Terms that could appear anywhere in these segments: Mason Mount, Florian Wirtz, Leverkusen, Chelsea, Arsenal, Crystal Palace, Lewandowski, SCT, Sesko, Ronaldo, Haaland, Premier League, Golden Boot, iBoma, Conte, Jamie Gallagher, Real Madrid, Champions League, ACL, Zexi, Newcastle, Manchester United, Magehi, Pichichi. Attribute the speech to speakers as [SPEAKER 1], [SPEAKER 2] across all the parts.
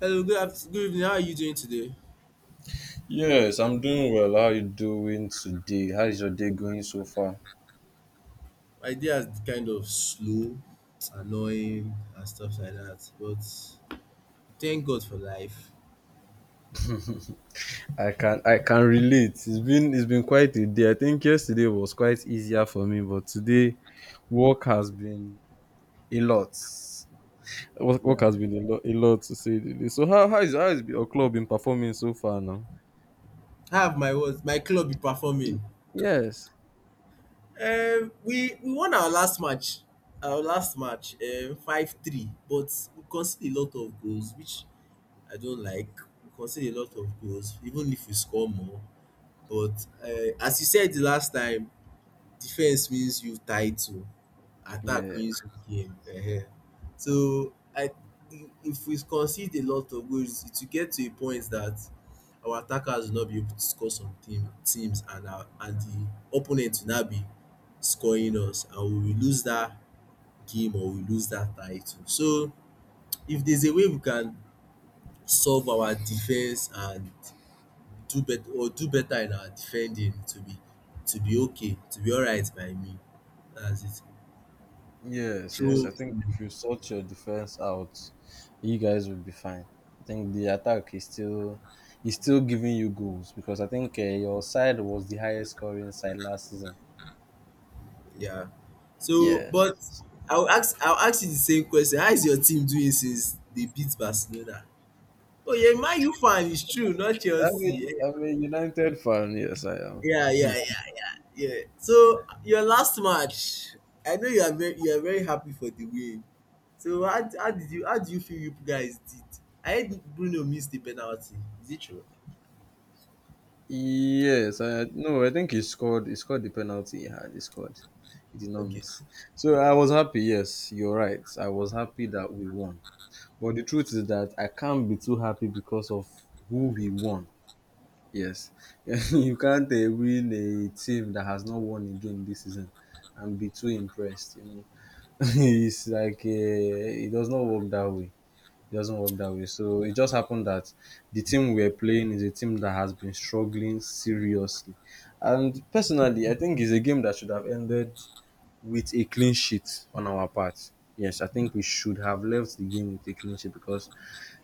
[SPEAKER 1] Hello, good afternoon, good evening. How are you doing today?
[SPEAKER 2] Yes, I'm doing well. How you doing today? How is your day going so far?
[SPEAKER 1] My day has kind of slow, annoying, and stuff like that. But thank God for life.
[SPEAKER 2] I can relate. It's been quite a day. I think yesterday was quite easier for me, but today work has been a lot. Work
[SPEAKER 1] Yeah.
[SPEAKER 2] has been a lot to say the least. So how is your club been performing so far now?
[SPEAKER 1] I have my words. My club be performing.
[SPEAKER 2] Y- Yes.
[SPEAKER 1] We won our last match. Our last match, five three. But we conceded a lot of goals, which I don't like. We conceded a lot of goals, even if we score more. But as you said the last time, defense means you title, attack
[SPEAKER 2] Yeah.
[SPEAKER 1] wins you game. Ehen. So I if we concede a lot of goals, it will get to a point that our attackers will not be able to score some teams and our and the opponent will not be scoring us and we will lose that game or we lose that title. So if there's a way we can solve our defense and do better in our defending to be okay, to be alright by me. That's it.
[SPEAKER 2] Yes, yes.
[SPEAKER 1] So
[SPEAKER 2] I think if you sort your defense out, you guys will be fine. I think the attack is still giving you goals because I think your side was the highest scoring side last season.
[SPEAKER 1] yeah. So
[SPEAKER 2] Yes,
[SPEAKER 1] but I'll ask you the same question. How is your team doing since they beat Barcelona? Oh yeah, Man U fan, it's true, not Chelsea. Eh,
[SPEAKER 2] I'm a United fan. Yes, I am.
[SPEAKER 1] yeah, yeah, yeah, yeah. So your last match, I know you are very happy for the win. So how did you how do you feel you guys did? I heard Bruno missed the penalty. Is it true?
[SPEAKER 2] Yes, I no. I think he scored. He scored the penalty he had. He scored. He did not
[SPEAKER 1] Okay.
[SPEAKER 2] miss. So I was happy. Yes, you're right. I was happy that we won. But the truth is that I can't be too happy because of who we won. Yes, you can't win a team that has not won a game this season and be too impressed. You know, it does not work that way. It doesn't work that way. So it just happened that the team we're playing is a team that has been struggling seriously. And personally, I think it's a game that should have ended with a clean sheet on our part. Yes, I think we should have left the game with a clean sheet because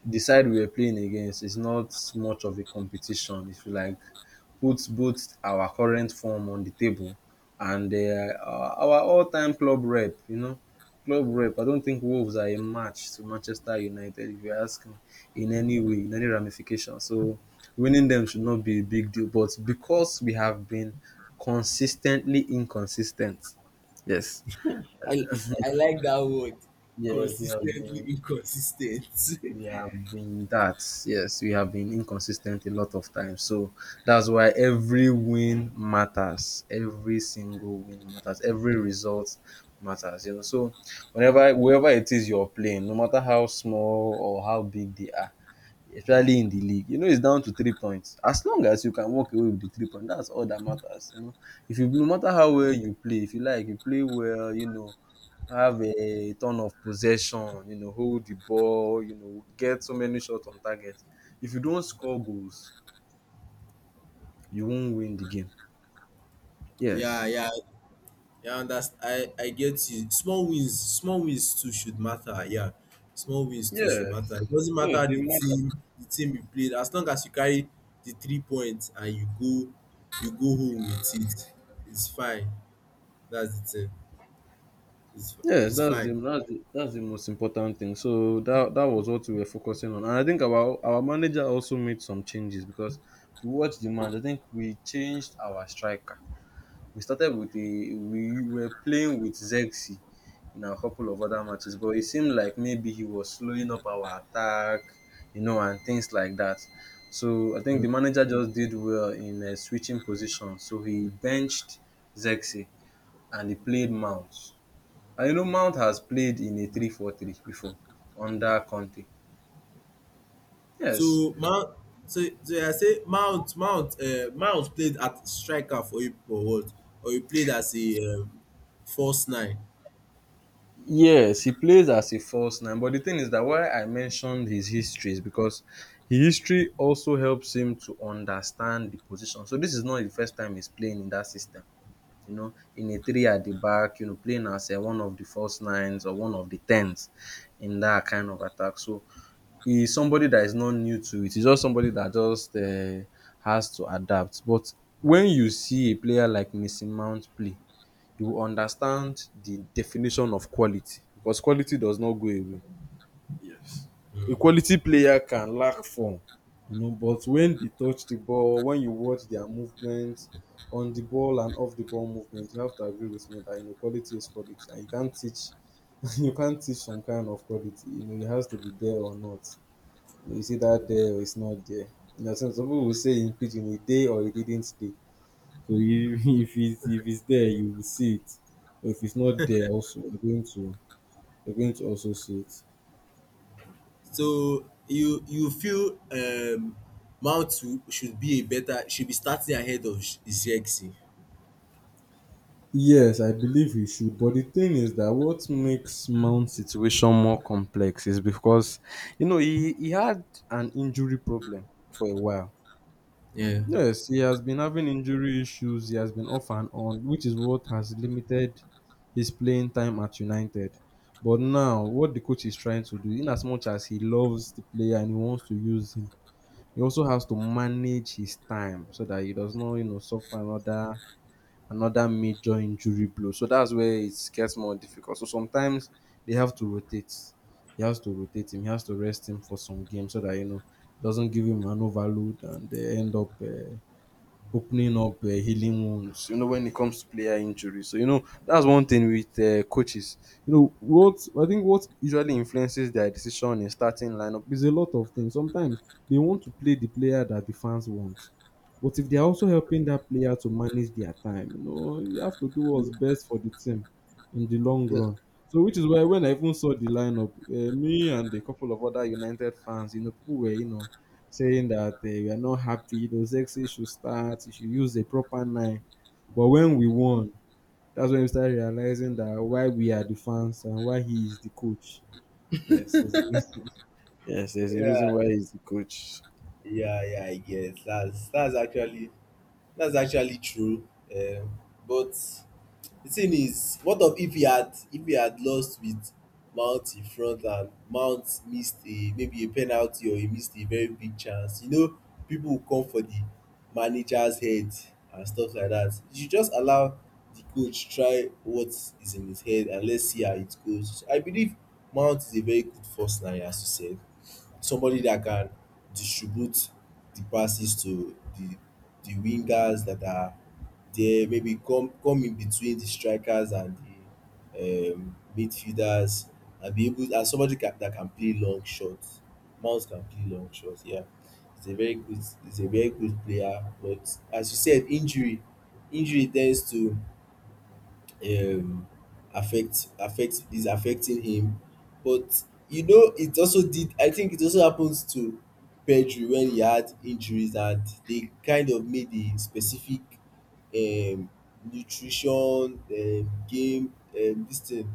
[SPEAKER 2] the side we were playing against is not much of a competition. If you like, puts both our current form on the table and our all-time club rep. You know, club rep. I don't think Wolves are a match to Manchester United. If you ask me, in any way, in any ramification. So winning them should not be a big deal. But because we have been consistently inconsistent, yes,
[SPEAKER 1] I I like that word.
[SPEAKER 2] yes, you have
[SPEAKER 1] Consistently
[SPEAKER 2] been—
[SPEAKER 1] inconsistent.
[SPEAKER 2] we have been that. Yes, we have been inconsistent a lot of times, so that's why every win matters, every single win matters, every result matters. You know, so whenever, whoever it is you're playing, no matter how small or how big they are, especially in the league, you know, it's down to 3 points. As long as you can walk away with the 3 points, that's all that matters. You know, if you— no matter how well you play, if you like, you play well, you know, have a ton of possession, you know, hold the ball, you know, get so many shots on target. If you don't score goals, you won't win the game.
[SPEAKER 1] yeah,
[SPEAKER 2] Yes.
[SPEAKER 1] yeah. Yeah, I get you. Small wins too should matter. Yeah, small wins too should matter.
[SPEAKER 2] Yes.
[SPEAKER 1] It doesn't
[SPEAKER 2] Yes,
[SPEAKER 1] matter
[SPEAKER 2] the—
[SPEAKER 1] the team, you played. As long as you carry the three points and you go home with it. It's fine. That's the thing. It's
[SPEAKER 2] Yes,
[SPEAKER 1] it's
[SPEAKER 2] that's
[SPEAKER 1] fine.
[SPEAKER 2] the that's the, that's the most important thing. So that was what we were focusing on, and I think our manager also made some changes because if you watch the match, I think we changed our striker. We started with a— we were playing with Zexi in a couple of other matches, but it seemed like maybe he was slowing up our attack, you know, and things like that. So I think the manager just did well in switching positions. So he benched Zexi and he played Mount. And you know, Mount has played in a 3-4-3 before under Conte. Yes.
[SPEAKER 1] So Mount, so I say Mount played at striker for you or what? Or you played as a false nine.
[SPEAKER 2] Yes, he plays as a false nine. But the thing is that why I mentioned his history is because his history also helps him to understand the position. So this is not the first time he's playing in that system. You know, in a three at the back, you know, playing as one of the false nines or one of the tens in that kind of attack. So he is somebody that is not new to it. He's just somebody that just has to adapt. But when you see a player like Mason Mount play, you will understand the definition of quality because quality does not go away. A
[SPEAKER 1] Hmm.
[SPEAKER 2] quality player can lack form, but wen dey touch di ball, wen you watch dia movement on di ball and off di ball movement, you have to agree with me dat you know quality is quality and you can't teach— you can't teach some kind of quality, you know, it has to be there or not. Is either there or is not there. You understand, some pipu will say in pidgin e dey or e didn't dey. So if is— if is there you will see it, but if is not there also you're going to— you're going to also see it.
[SPEAKER 1] So you feel Mount should be a better should be starting ahead of Zirkzee.
[SPEAKER 2] Yes, I believe we should. But the thing is that what makes Mount's situation more complex is because, you know, he had an injury problem for a while.
[SPEAKER 1] Yeah.
[SPEAKER 2] Yes, he has been having injury issues. He has been off and on, which is what has limited his playing time at United. But now, what the coach is trying to do, in as much as he loves the player and he wants to use him, he also has to manage his time so that he does not, you know, suffer another— another major injury blow. So that's where it gets more difficult. So sometimes they have to rotate. He has to rotate him. He has to rest him for some games so that, you know, doesn't give him an overload and they end up opening up healing wounds, you know, when it comes to player injuries. So, you know, that's one thing with coaches. You know, what— I think what usually influences their decision in starting lineup is a lot of things. Sometimes they want to play the player that the fans want. But if they're also helping that player to manage their time, you know, you have to do what's best for the team in the long
[SPEAKER 1] Yeah.
[SPEAKER 2] run. So, which is why when I even saw the lineup, me and a couple of other United fans, you know, people were, you know, saying that we are not happy. Those exes should start. You should use the proper nine. But when we won, that's when we started realizing that why we are the fans and why he is the coach. Yes, there's a— Yes, there's a reason
[SPEAKER 1] Yeah,
[SPEAKER 2] why he's the coach.
[SPEAKER 1] yeah, yeah. I guess that's actually true. Um, but the thing is what of if he had lost with Mount in front and Mount missed a maybe a penalty or he missed a very big chance, people will come for the manager's head and stuff like that. You should just allow the coach try what is in his head and let's see how it goes. I believe Mount is a very good first nine, as you said, somebody that can distribute the passes to the wingers that are there maybe come in between the strikers and the midfielders and be able and somebody that can play long shots. Mount can play long shots. Yeah, he's a very good player. But as you said, injury tends to um affect affect is affecting him. But you know it also did I think it also happens to Pedri when he had injuries and they kind of made a specific, um nutrition, game, this thing,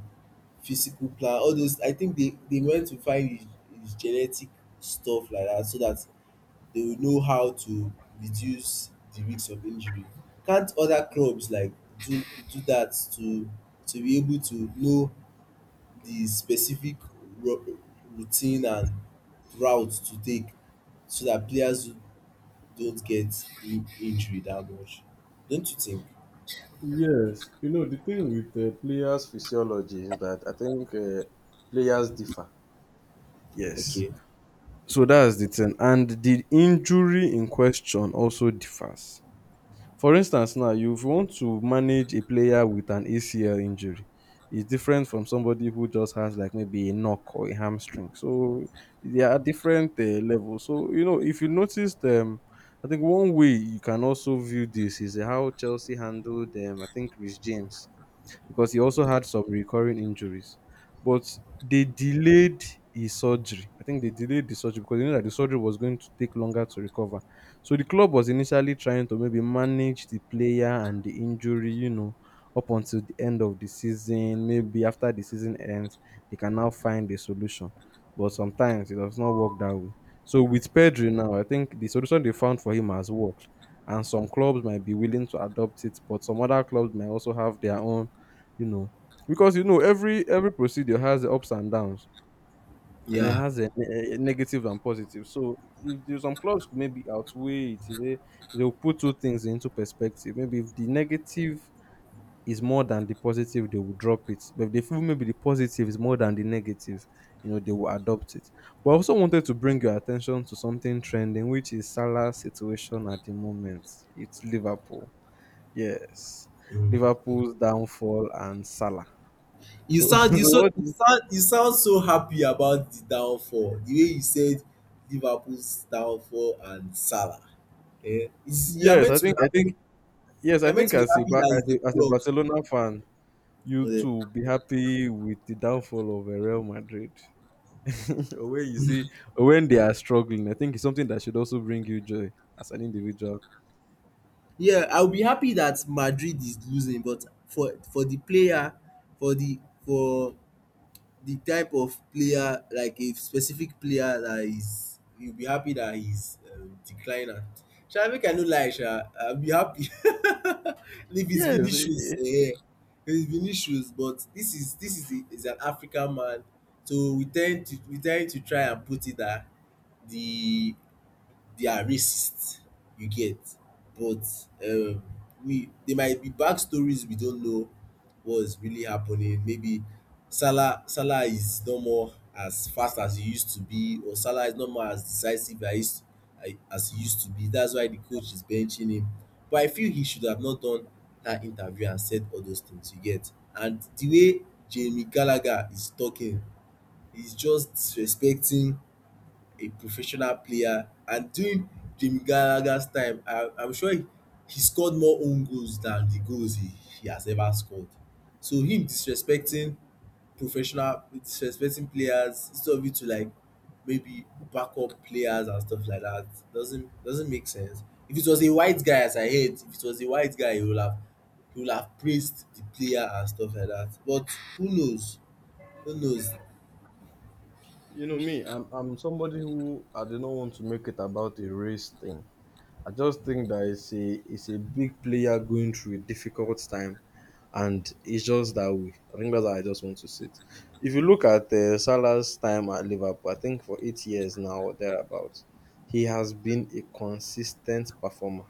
[SPEAKER 1] physical plan, all those. I think they went to find his genetic stuff like that so that they will know how to reduce the risk of injury. Can't other clubs like do do that to be able to know the specific, ro- routine and route to take so that players don't get injury that much? Don't you think?
[SPEAKER 2] Yes. You know the thing with players' physiology is that I think players differ. Yes.
[SPEAKER 1] Okay.
[SPEAKER 2] So that's the thing. And the injury in question also differs. For instance now, you— want to manage a player with an ACL injury, it's different from somebody who just has like maybe a knock or a hamstring. So there are different levels. So you know, if you noticed, I think one way you can also view this is how Chelsea handled them. I think Rich James, because he also had some recurring injuries. But they delayed his surgery. I think they delayed the surgery because they knew that the surgery was going to take longer to recover. So the club was initially trying to maybe manage the player and the injury, you know, up until the end of the season. Maybe after the season ends, they can now find a solution. But sometimes it does not work that way. So with Pedri now, I think the solution they found for him has worked. And some clubs might be willing to adopt it, but some other clubs might also have their own, you know, because you know every procedure has the ups and downs. You know, it
[SPEAKER 1] Yeah.
[SPEAKER 2] has a— a negative and positive. So if there's— some clubs could maybe outweigh it, they, they'll put two things into perspective. Maybe if the negative is more than the positive they will drop it, but if they feel maybe the positive is more than the negative, you know, they will adopt it. But I also wanted to bring your attention to something trending, which is Salah's situation at the moment. It's Liverpool. Yes.
[SPEAKER 1] Mm.
[SPEAKER 2] Liverpool's downfall and Salah.
[SPEAKER 1] You
[SPEAKER 2] So,
[SPEAKER 1] sound
[SPEAKER 2] so
[SPEAKER 1] you so
[SPEAKER 2] what? Do
[SPEAKER 1] you
[SPEAKER 2] you—
[SPEAKER 1] sound you sound so happy about the downfall. The way you said, Liverpool's downfall and Salah. Eh, is you are
[SPEAKER 2] Yes,
[SPEAKER 1] meant
[SPEAKER 2] I
[SPEAKER 1] to be
[SPEAKER 2] think— I think—
[SPEAKER 1] happy
[SPEAKER 2] yes,
[SPEAKER 1] you
[SPEAKER 2] I
[SPEAKER 1] are meant
[SPEAKER 2] think
[SPEAKER 1] to be
[SPEAKER 2] as a
[SPEAKER 1] happy that
[SPEAKER 2] As
[SPEAKER 1] it's the
[SPEAKER 2] as a
[SPEAKER 1] club.
[SPEAKER 2] Barcelona fan, you
[SPEAKER 1] Eh,
[SPEAKER 2] too will be happy with the downfall of Real Madrid. Or when you see, or when they are struggling, I think it's something that should also bring you joy as an individual.
[SPEAKER 1] yeah, I will be happy that Madrid is losing, but for the player, for the for the type of player, like a specific player that is, you'll be happy that he's declining. Sha make I no lie sha, I'll be happy if it's
[SPEAKER 2] Yes.
[SPEAKER 1] Vinicius eh, if it's Vinicius, but this is an African man, so we tend to try and put it that the they are racist, you get. But um we there might be backstories we don't know what's really happening. Maybe Salah is no more as fast as he used to be, or Salah is no more as decisive as he used I- as he used to be. That's why the coach is benching him. But I feel he should have not done that interview and said all those things, you get. And the way Jamie Gallagher is talking, he's just disrespecting a professional player. And during Jim Gallagher's time, I'm sure he scored more own goals than the goals he has ever scored. So him disrespecting players, instead of you to like maybe back up players and stuff like that, doesn't make sense. If it was a white guy, as I heard, if it was a white guy, he would have praised the player and stuff like that. But who knows? Who knows?
[SPEAKER 2] You know me, I'm somebody who— I do not want to make it about a race thing. I just think that it's a big player going through a difficult time, and it's just that way. I think that's how I just want to sit. If you look at Salah's time at Liverpool, I think for 8 years now or thereabouts, he has been a consistent performer.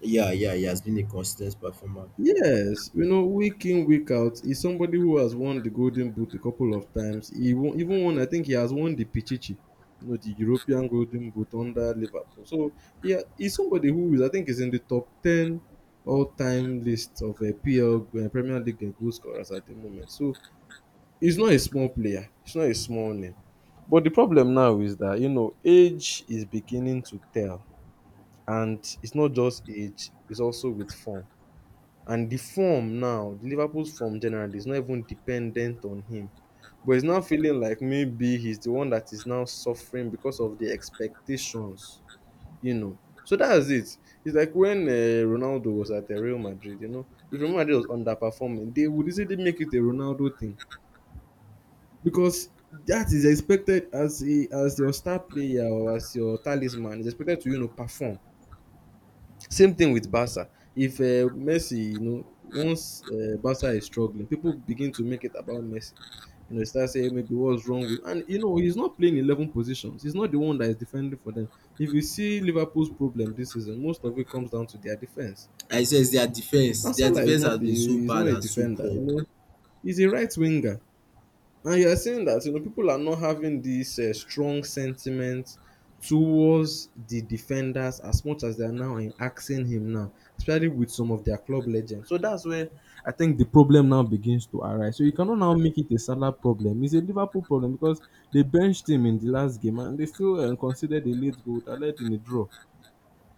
[SPEAKER 1] Yeah, yeah, he has been a consistent performer.
[SPEAKER 2] Yes, you know, week in, week out, he's somebody who has won the Golden Boot a couple of times. He won, even won, I think he has won the Pichichi, you know, the European Golden Boot under Liverpool. So he's somebody who is, I think, is in the top 10 all time list of PL, Premier League goal scorers at the moment. So he's not a small player, he's not a small name. But the problem now is that, you know, age is beginning to tell, and it's not just age, it's also with form. And the form now, Liverpool's form generally is not even dependent on him. But it's now feeling like maybe he's the one that is now suffering because of the expectations, you know. So that's it. It's like when Ronaldo was at Real Madrid, you know, if Real Madrid was underperforming, they would easily make it a Ronaldo thing because that is expected as a as your star player or as your talisman is expected to you know perform same thing with Barca. If Messi, you know, once Barca is struggling, people begin to make it about Messi. You know, start saying maybe what's wrong with, and you know, he's not playing 11 positions. He's not the one that is defending for them. If you see Liverpool's problem this season, most of it comes down to their defense.
[SPEAKER 1] I says their defense,
[SPEAKER 2] And
[SPEAKER 1] their
[SPEAKER 2] Salah is
[SPEAKER 1] defense has
[SPEAKER 2] not a,
[SPEAKER 1] been so
[SPEAKER 2] he's not
[SPEAKER 1] bad
[SPEAKER 2] a
[SPEAKER 1] and so
[SPEAKER 2] defender.
[SPEAKER 1] poor.
[SPEAKER 2] You know, he's a right winger. And you're saying that you know people are not having this strong sentiment towards the defenders as much as they are now in asking him now, especially with some of their club legends. So that's where I think the problem now begins to arise. So you cannot now make it a Salah problem. It's a Liverpool problem because they benched him in the last game and they still considered a late goal that led in a draw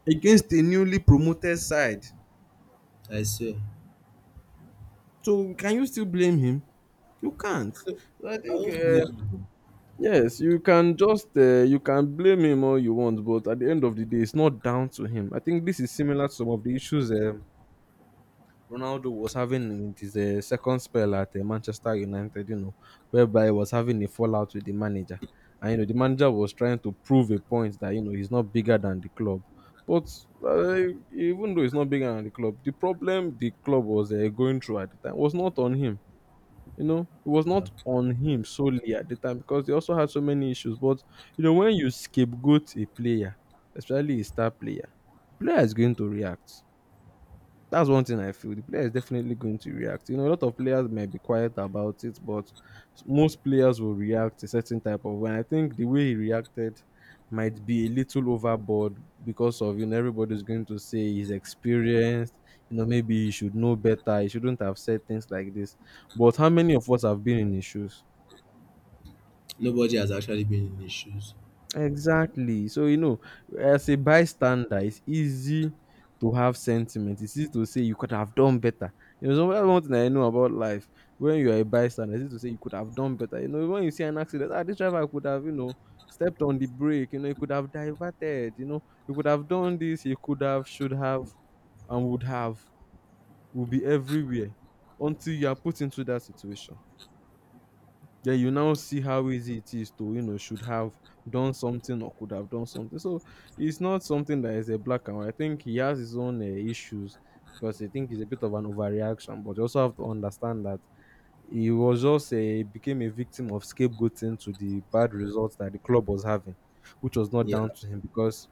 [SPEAKER 2] against a newly promoted side.
[SPEAKER 1] I swear.
[SPEAKER 2] So can you still blame him? You can't.
[SPEAKER 1] I
[SPEAKER 2] So I think
[SPEAKER 1] don't blame them.
[SPEAKER 2] yes, you can just you can blame him all you want, but at the end of the day, it's not down to him. I think this is similar to some of the issues Ronaldo was having in his second spell at Manchester United. You know, whereby he was having a fallout with the manager, and you know the manager was trying to prove a point that you know he's not bigger than the club. But even though he's not bigger than the club, the problem the club was going through at the time was not on him, you know, it was not on him solely at the time because they also had so many issues. But you know, when you scapegoat a player, especially a star player, the player is going to react that's one thing I feel. The player is definitely going to react. You know, a lot of players might be quiet about it, but most players will react a certain type of way. And I think the way he reacted might be a little overboard because of you know everybody's going to say he's experienced. You know, maybe he should know better. He shouldn't have said things like this. But how many of us have been in his shoes?
[SPEAKER 1] Nobody has actually been in his shoes.
[SPEAKER 2] Exactly. So, you know, as a bystander, it's easy to have sentiment. It's easy to say you could have done better. You know, so that's one thing I know about life. When you are a bystander, it's easy to say you could have done better. You know, when you see an accident, ah, this driver could have, you know, stepped on the brake, you know, he could have diverted, you know, he could have done this, he could have, should have, and would have, will be everywhere until you are put into that situation. Yeah, you now see how easy it is to, you know, should have done something or could have done something. So it's not something that is a black and white. I think he has his own issues because I think it's a bit of an overreaction. But you also have to understand that he was just a became a victim of scapegoating to the bad results that the club was having, which was not
[SPEAKER 1] Yeah.
[SPEAKER 2] down to him because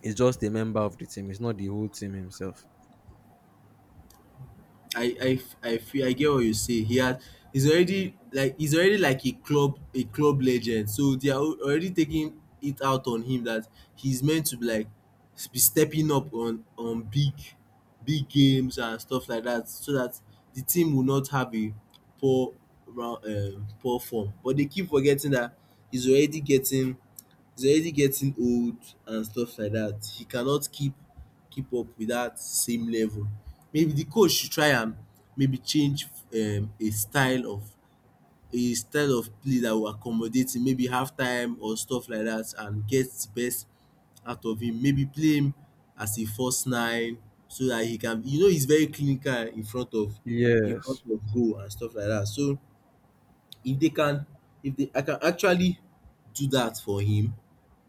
[SPEAKER 2] he's just a member of the team. It's not the whole team himself.
[SPEAKER 1] I feel I get what you say. He's already like, a club legend. So they are already taking it out on him that he's meant to be like, be stepping up on big games and stuff like that, so that the team will not have a poor poor form. But they keep forgetting that he's already getting he's already getting old and stuff like that. He cannot keep up with that same level. Maybe the coach should try and maybe change, a style of play that will accommodate him. Maybe half time or stuff like that, and get the best out of him. Maybe play him as a false nine so that he can. You know, he's very clinical in front of in front
[SPEAKER 2] Yes.
[SPEAKER 1] of goal and stuff like that. So if they can, if they, I can actually do that for him,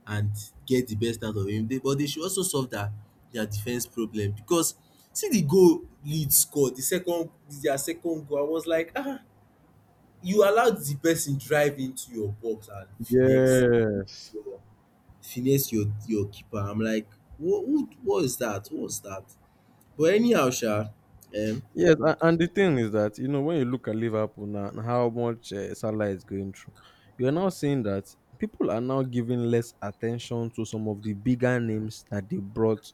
[SPEAKER 1] and get the best out of him. But they should also solve their, defense problem, because see the goal Leeds scored, their second goal. I was like, ah, you allowed the person drive into your box and finesse
[SPEAKER 2] Yes.
[SPEAKER 1] your keeper. I'm like, what is that? What was that? But anyhow, sha, um,
[SPEAKER 2] Yes, and the thing is that you know when you look at Liverpool now and how much Salah is going through, you are now seeing that people are now giving less attention to some of the bigger names that they brought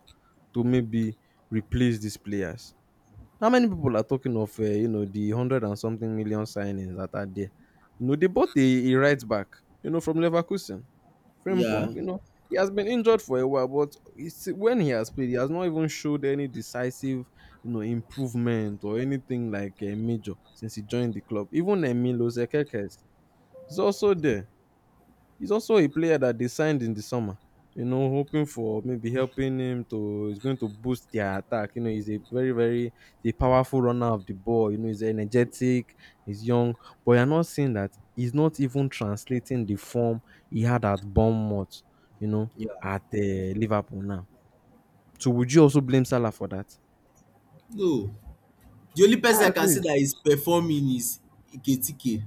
[SPEAKER 2] to maybe replace these players. How many people are talking of you know the hundred and something million signings that are there? You know they bought a right back, you know from Leverkusen.
[SPEAKER 1] yeah,
[SPEAKER 2] Frimpong, you know, he has been injured for a while, but it's, when he has played, he has not even showed any decisive, you know, improvement or anything like a major since he joined the club. Even Emilio Zekekes is also there. He's also a player that they signed in the summer, you know, hoping for maybe helping him to he's going to boost their attack. You know, he's a very he's a powerful runner of the ball. You know, he's energetic, he's young, but you're not seeing that he's not even translating the form he had at Bournemouth, you know,
[SPEAKER 1] yeah.
[SPEAKER 2] at Liverpool now. So would you also blame Salah for that?
[SPEAKER 1] No, the only person I
[SPEAKER 2] That's
[SPEAKER 1] can say
[SPEAKER 2] it.
[SPEAKER 1] that is performing is Iketike.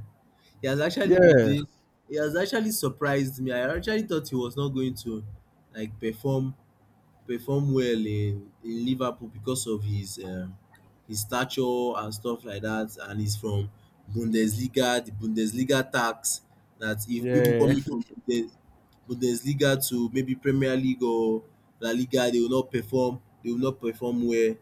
[SPEAKER 1] He has actually been
[SPEAKER 2] Yeah,
[SPEAKER 1] doing he has actually surprised me. I actually thought he was not going to like perform well in Liverpool because of his stature and stuff like that. And he's from Bundesliga, the Bundesliga tax that if people
[SPEAKER 2] yeah,
[SPEAKER 1] coming from Bundesliga to maybe Premier League or La Liga, they will not perform. They will not perform well.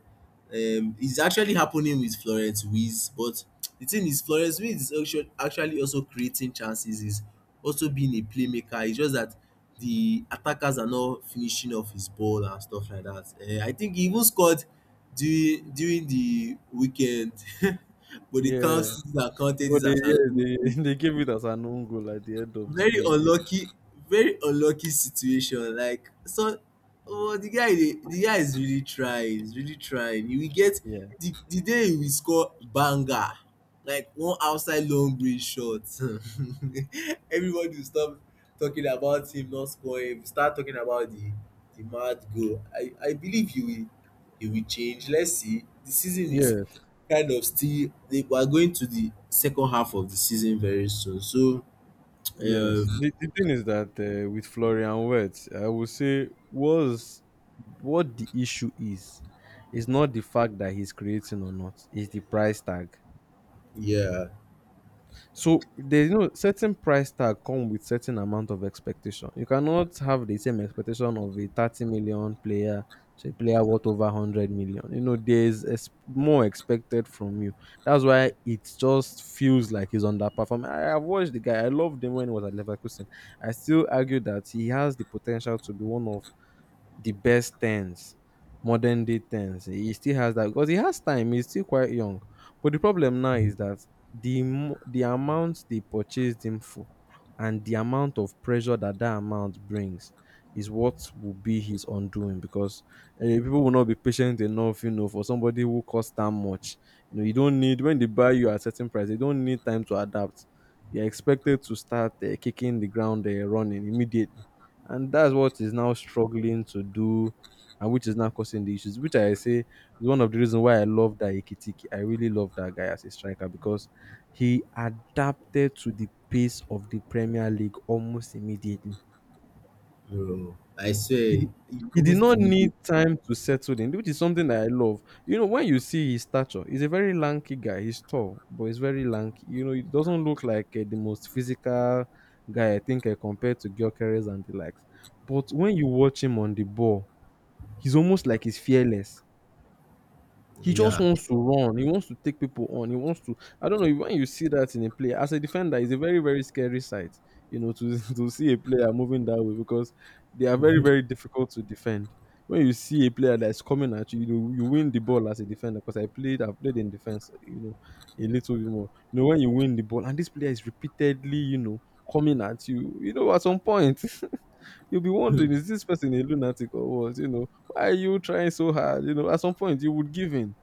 [SPEAKER 1] It's actually happening with Florence Wiz, but the thing is, Florence Wiz is actually also creating chances. Is also being a playmaker. It's just that the attackers are not finishing off his ball and stuff like that. I think he even scored during the weekend, but the
[SPEAKER 2] yeah.
[SPEAKER 1] counts that counted
[SPEAKER 2] But
[SPEAKER 1] this
[SPEAKER 2] they,
[SPEAKER 1] as an,
[SPEAKER 2] yeah, they they gave it as an own goal at the end of the
[SPEAKER 1] very
[SPEAKER 2] day.
[SPEAKER 1] unlucky, very unlucky situation. Like so, oh, the guy is really trying. He's really trying. He will get
[SPEAKER 2] Yeah.
[SPEAKER 1] the day he will score banger, like one outside long range shot. Everybody will stop talking about him not scoring. We start talking about the mad goal. I believe he will change. Let's see. The season is
[SPEAKER 2] Yes.
[SPEAKER 1] kind of still, they we are going to the second half of the season very soon, so
[SPEAKER 2] Yes.
[SPEAKER 1] um
[SPEAKER 2] The thing is that with Florian Wirtz, I would say was what the issue is. It's not the fact that he's creating or not. It's the price tag.
[SPEAKER 1] yeah.
[SPEAKER 2] So there's no certain price tag come with certain amount of expectation. You cannot have the same expectation of a 30 million player to a player worth over 100 million. You know, there's ex- more expected from you. That's why it just feels like he's underperforming. I've watched the guy. I loved him when he was at Leverkusen. I still argue that he has the potential to be one of the best tens, modern day tens. He still has that because he has time. He's still quite young. But the problem now is that the mo- the amount they purchased him for, and the amount of pressure that that amount brings, is what will be his undoing. Because people will not be patient enough, you know, for somebody who costs that much. You know, you don't need when they buy you at certain price. They don't need time to adapt. You're expected to start kicking the ground running immediately and that's what is now struggling to do and which is now causing the issues which I say is one of the reasons why I love that Ikitiki. I really love that guy as a striker because he adapted to the pace of the Premier League almost immediately.
[SPEAKER 1] No, I
[SPEAKER 2] he
[SPEAKER 1] swear,
[SPEAKER 2] di
[SPEAKER 1] it
[SPEAKER 2] he did
[SPEAKER 1] goes to
[SPEAKER 2] not
[SPEAKER 1] me.
[SPEAKER 2] need time to settle in, which is something that I love. You know, when you see his stature, he's a very lanky guy. He's tall, but he's very lanky. You know, it doesn't look like the most physical guy, I think, compared to Gyökeres and the likes. But when you watch him on the ball, he's almost like he's fearless. He just
[SPEAKER 1] Yeah,
[SPEAKER 2] wants to run. He wants to take people on. He wants to. I don't know when you see that in a player as a defender, it's a very very scary sight. You know to to see a player moving that way because they are very very difficult to defend. When you see a player that's coming at you, you know, you win the ball as a defender because I've played in defense. You know a little bit more. You know when you win the ball and this player is repeatedly you know coming at you. You know at some point you'll be wondering is this person a lunatic or what? You know why are you trying so hard? You know at some point you would give in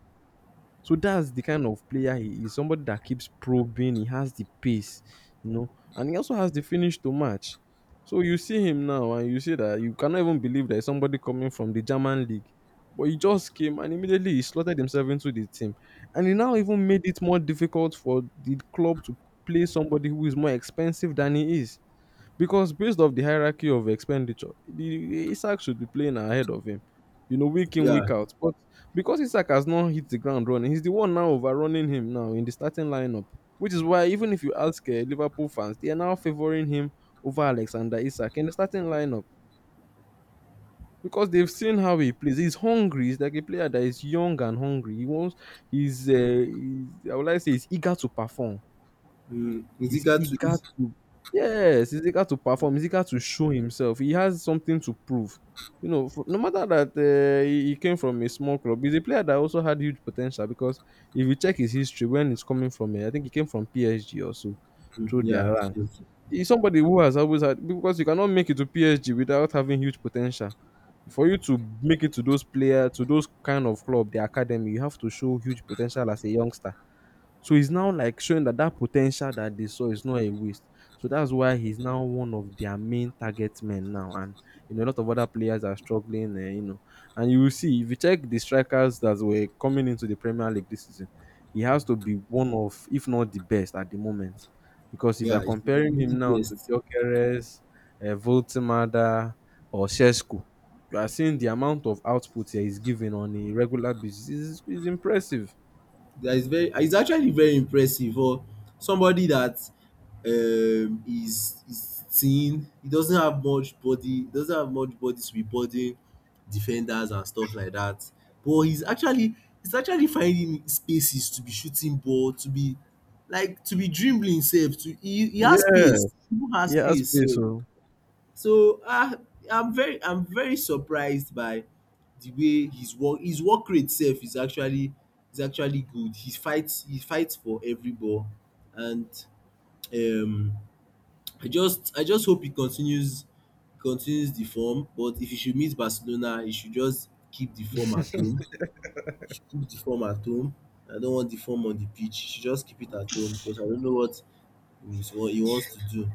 [SPEAKER 2] so that's the kind of player he is. Somebody that keeps probing. He has the pace, you know, and he also has the finish to match. So you see him now, and you see that you cannot even believe there's somebody coming from the German league, but he just came and immediately he slotted himself into the team, and he now even made it more difficult for the club to play somebody who is more expensive than he is. Because based off the hierarchy of expenditure, the Isak should be playing ahead of him, you know, week in,
[SPEAKER 1] yeah,
[SPEAKER 2] week out. But because Isak has not hit the ground running, he's the one now overrunning him now in the starting lineup. Which is why even if you ask Liverpool fans, they are now favouring him over Alexander Isak in the starting lineup. Because they've seen how he plays. He's hungry. He's like a player that is young and hungry. He wants he's uh, he's I would like to say he's eager to perform.
[SPEAKER 1] mm,
[SPEAKER 2] He's
[SPEAKER 1] Musical to
[SPEAKER 2] eager
[SPEAKER 1] mm,
[SPEAKER 2] to yes, he's eager to perform, he's eager to show himself. He has something to prove. You know, for, no matter that he came from a small club, he's a player that also had huge potential because if you check his history, when he's coming from, I think he came from PSG also through their
[SPEAKER 1] yeah,
[SPEAKER 2] ranks.
[SPEAKER 1] yes.
[SPEAKER 2] He's somebody who has always had, because you cannot make it to PSG without having huge potential. For you to make it to those player to those kind of club, the academy, you have to show huge potential as a youngster. So he's now like showing that potential that they saw is not a waste. So that's why he's now one of their main target men now, and you know a lot of other players are struggling. You know, and you will see if you check the strikers that were coming into the Premier League this season, he has to be one of, if not the best, at the moment. Because if you are
[SPEAKER 1] Yeah, it's
[SPEAKER 2] comparing
[SPEAKER 1] really
[SPEAKER 2] him now to
[SPEAKER 1] best.
[SPEAKER 2] Gyökeres, Voltimada, or Sesko, you are seeing the amount of output he is giving on a regular basis is impressive.
[SPEAKER 1] That is actually very impressive for somebody that is thin. He doesn't have much body to be bodying defenders and stuff like that. But he's actually finding spaces to be shooting ball, to be like, to be dribbling sef, to he has
[SPEAKER 2] Yeah.
[SPEAKER 1] pace. He even has
[SPEAKER 2] Yes,
[SPEAKER 1] pace
[SPEAKER 2] please.
[SPEAKER 1] sef.
[SPEAKER 2] So
[SPEAKER 1] So, I'm very surprised by the way his work rate sef is actually good. He fights for every ball. And um I just hope he continues the form. But if he should meet Barcelona, he should just keep the form at home. He should keep the form at home. I don't want the form on the pitch. He should just keep it at home, because I don't know what he wants to do.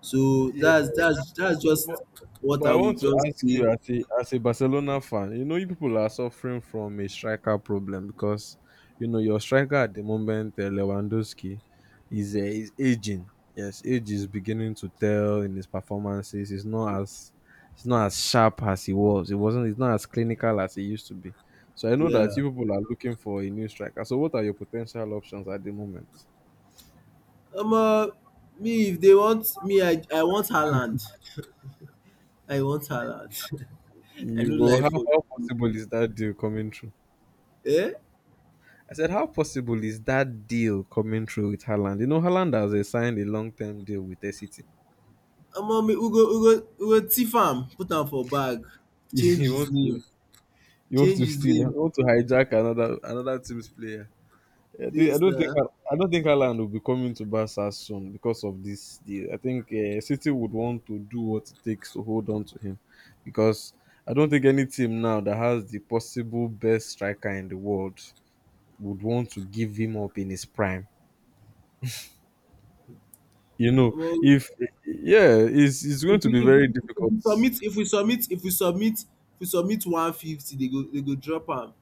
[SPEAKER 1] So
[SPEAKER 2] yeah,
[SPEAKER 1] that's
[SPEAKER 2] but,
[SPEAKER 1] just what
[SPEAKER 2] but
[SPEAKER 1] I
[SPEAKER 2] I
[SPEAKER 1] will
[SPEAKER 2] want to
[SPEAKER 1] just
[SPEAKER 2] ask
[SPEAKER 1] say.
[SPEAKER 2] you as a Barcelona fan, you know, you people are suffering from a striker problem because you know your striker at the moment, Lewandowski, is aging. Yes, age is beginning to tell in his performances. He's not as sharp as he was. He wasn't. He's not as clinical as he used to be. So I know that
[SPEAKER 1] Yeah.
[SPEAKER 2] you people are looking for a new striker. So what are your potential options at the moment?
[SPEAKER 1] Um uh, me, if they want me, I want Haaland. I want Haaland. I no
[SPEAKER 2] You go.
[SPEAKER 1] lie for
[SPEAKER 2] How possible is that deal coming true?
[SPEAKER 1] you. Eh?
[SPEAKER 2] I said, how possible is that deal coming through with Haaland? You know, Haaland has signed a long-term deal with SCT.
[SPEAKER 1] Me, we go thief am put am for bag, change
[SPEAKER 2] You
[SPEAKER 1] his
[SPEAKER 2] want to,
[SPEAKER 1] name
[SPEAKER 2] you want
[SPEAKER 1] change
[SPEAKER 2] to
[SPEAKER 1] his
[SPEAKER 2] steal, you
[SPEAKER 1] name.
[SPEAKER 2] want to hijack another team's player. I thi-
[SPEAKER 1] Yes na.
[SPEAKER 2] I don't think Haaland will be coming to Barca soon because of this deal. I think City would want to do what it takes to hold on to him, because I don't think any team now that has the possible best striker in the world would want to give him up in his prime. You know,
[SPEAKER 1] Omo,
[SPEAKER 2] if yeah, it's going
[SPEAKER 1] if
[SPEAKER 2] to
[SPEAKER 1] we
[SPEAKER 2] be
[SPEAKER 1] if we
[SPEAKER 2] very
[SPEAKER 1] if
[SPEAKER 2] difficult.
[SPEAKER 1] we submit if we submit if we submit if we submit 150, they go drop am.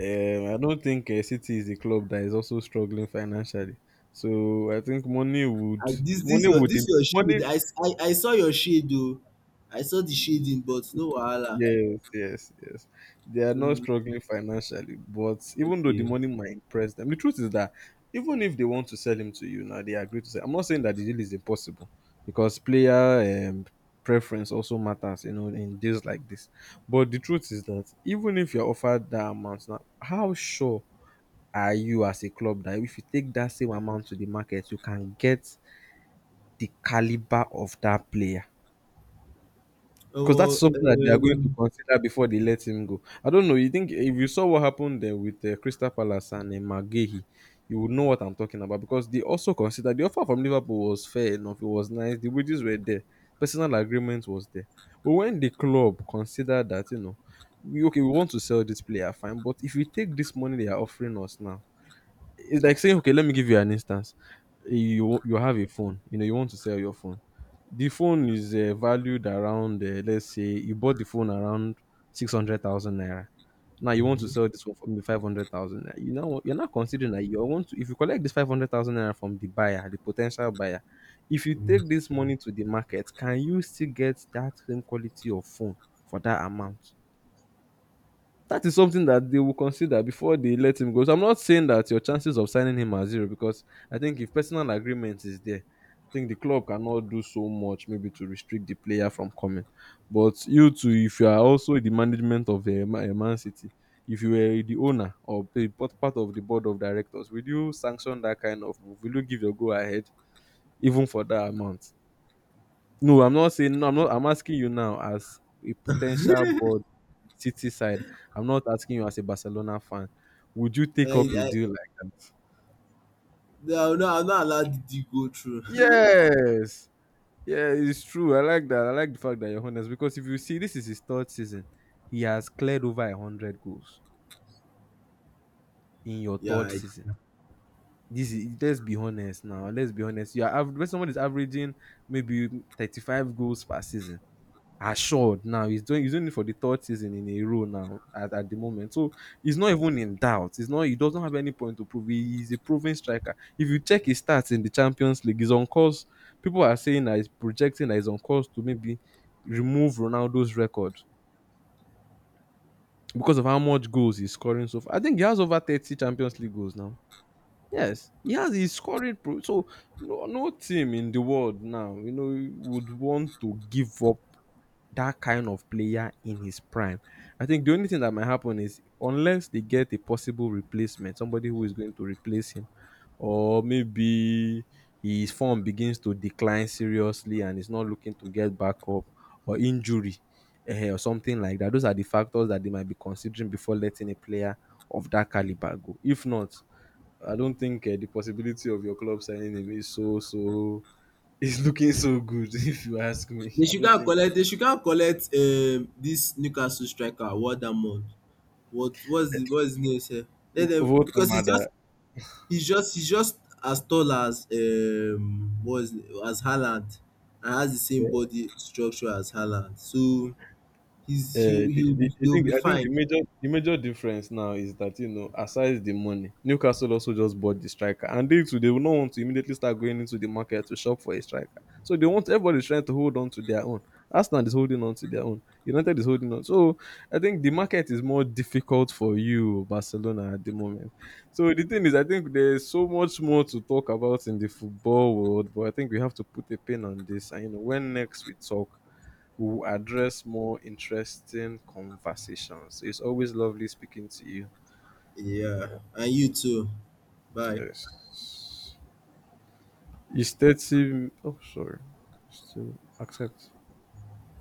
[SPEAKER 2] Um, I don't think city is a club that is also struggling financially, so I think
[SPEAKER 1] I this this
[SPEAKER 2] money
[SPEAKER 1] your
[SPEAKER 2] would
[SPEAKER 1] this
[SPEAKER 2] im-
[SPEAKER 1] your
[SPEAKER 2] money
[SPEAKER 1] shade. I saw your shade though. I saw the shading, but no wahala.
[SPEAKER 2] yes, yes, yes. They are not
[SPEAKER 1] Mm,
[SPEAKER 2] struggling financially, but even though the
[SPEAKER 1] okay.
[SPEAKER 2] money might impress them, the truth is that even if they want to sell him to you now, they agree to sell. I'm not saying that the deal is impossible because player preference also matters, you know, in deals like this. But the truth is that even if you're offered that amount now, how sure are you as a club that if you take that same amount to the market, you can get the caliber of that player? Because
[SPEAKER 1] Omo,
[SPEAKER 2] that's something that they are going to consider before they let him go. I don't know. You think if you saw what happened there with Crystal Palace and Magehi, you would know what I'm talking about, because they also considered the offer from Liverpool was fair enough. It was nice. The wages were there. Personal agreement was there. But when the club considered that, you know, we, okay, we want to sell this player, fine. But if we take this money they are offering us now, it's like saying, okay, let me give you an instance. You have a phone, you know, you want to sell your phone. The phone is valued around, let's say, you bought the phone around 600,000 naira. Now you want to sell
[SPEAKER 1] Mm,
[SPEAKER 2] this one for maybe 500,000. You know, you're not considering that you want to. If you collect this 500,000 naira from the buyer, the potential buyer, if you take
[SPEAKER 1] mm.
[SPEAKER 2] this money to the market, can you still get that same quality of phone for that amount? That is something that they will consider before they let him go. So I'm not saying that your chances of signing him are zero, because I think if personal agreement is there, I think the club cannot do so much maybe to restrict the player from coming. But you too, if you are also the management of a Man City, if you were the owner or a part of the board of directors, will you sanction that kind of move? Will you give your go ahead even for that amount? No, I'm not saying no, I'm not I'm asking you now as a potential board City side. I'm not asking you as a Barcelona fan. Would you take
[SPEAKER 1] I
[SPEAKER 2] up a
[SPEAKER 1] I
[SPEAKER 2] deal like that?
[SPEAKER 1] no, no, I'm not allowed to go through.
[SPEAKER 2] Yes. Yeah, it's true. I like that. I like the fact that you're honest, because if you see, this is his third season, he has cleared over a hundred goals in your
[SPEAKER 1] yeah,
[SPEAKER 2] third season. This is, let's be honest now. Let's be honest. When someone is averaging maybe 35 goals per season. Assured now. He's doing it for the third season in a row now at the moment. So he's not even in doubt. He doesn't have any point to prove. He is a proven striker. If you check his stats in the Champions League, he's on course. People are saying that he's projecting that he's on course to maybe remove Ronaldo's record because of how much goals he's scoring so far. I think he has over 30 Champions League goals now. Yes, he has. He's scoring. So no, no team in the world now, you know, would want to give up that kind of player in his prime. I think the only thing that might happen is unless they get a possible replacement, somebody who is going to replace him, or maybe his form begins to decline seriously and is not looking to get back up, or injury, eh, or something like that. Those are the factors that they might be considering before letting a player of that caliber go. If not, I don't think the possibility of your club signing him is so so. It's looking so good, if you ask me.
[SPEAKER 1] they
[SPEAKER 2] I
[SPEAKER 1] should
[SPEAKER 2] don't
[SPEAKER 1] can
[SPEAKER 2] think
[SPEAKER 1] collect this Newcastle striker, What Wardaman. What's his name sef? Let them,
[SPEAKER 2] vote
[SPEAKER 1] because it's
[SPEAKER 2] mother.
[SPEAKER 1] just He's just as tall as Haaland and has the same body structure as Haaland. So he's he he'll be
[SPEAKER 2] I
[SPEAKER 1] they'll
[SPEAKER 2] think
[SPEAKER 1] be
[SPEAKER 2] the
[SPEAKER 1] fine.
[SPEAKER 2] major difference now is that you know, aside the money, Newcastle also just bought the striker, and they will not want to immediately start going into the market to shop for a striker. So they want, everybody's trying to hold on to their own. Arsenal is holding on to their own. United is holding on. So I think the market is more difficult for you Barcelona at the moment. So the thing is, I think there's so much more to talk about in the football world, but I think we have to put a pin on this. And you know, when next we talk, we will address more interesting conversations. It's always lovely speaking to you.
[SPEAKER 1] Yeah. And you too. Bye.
[SPEAKER 2] Yes. It's 30. Oh, sorry. Still accept.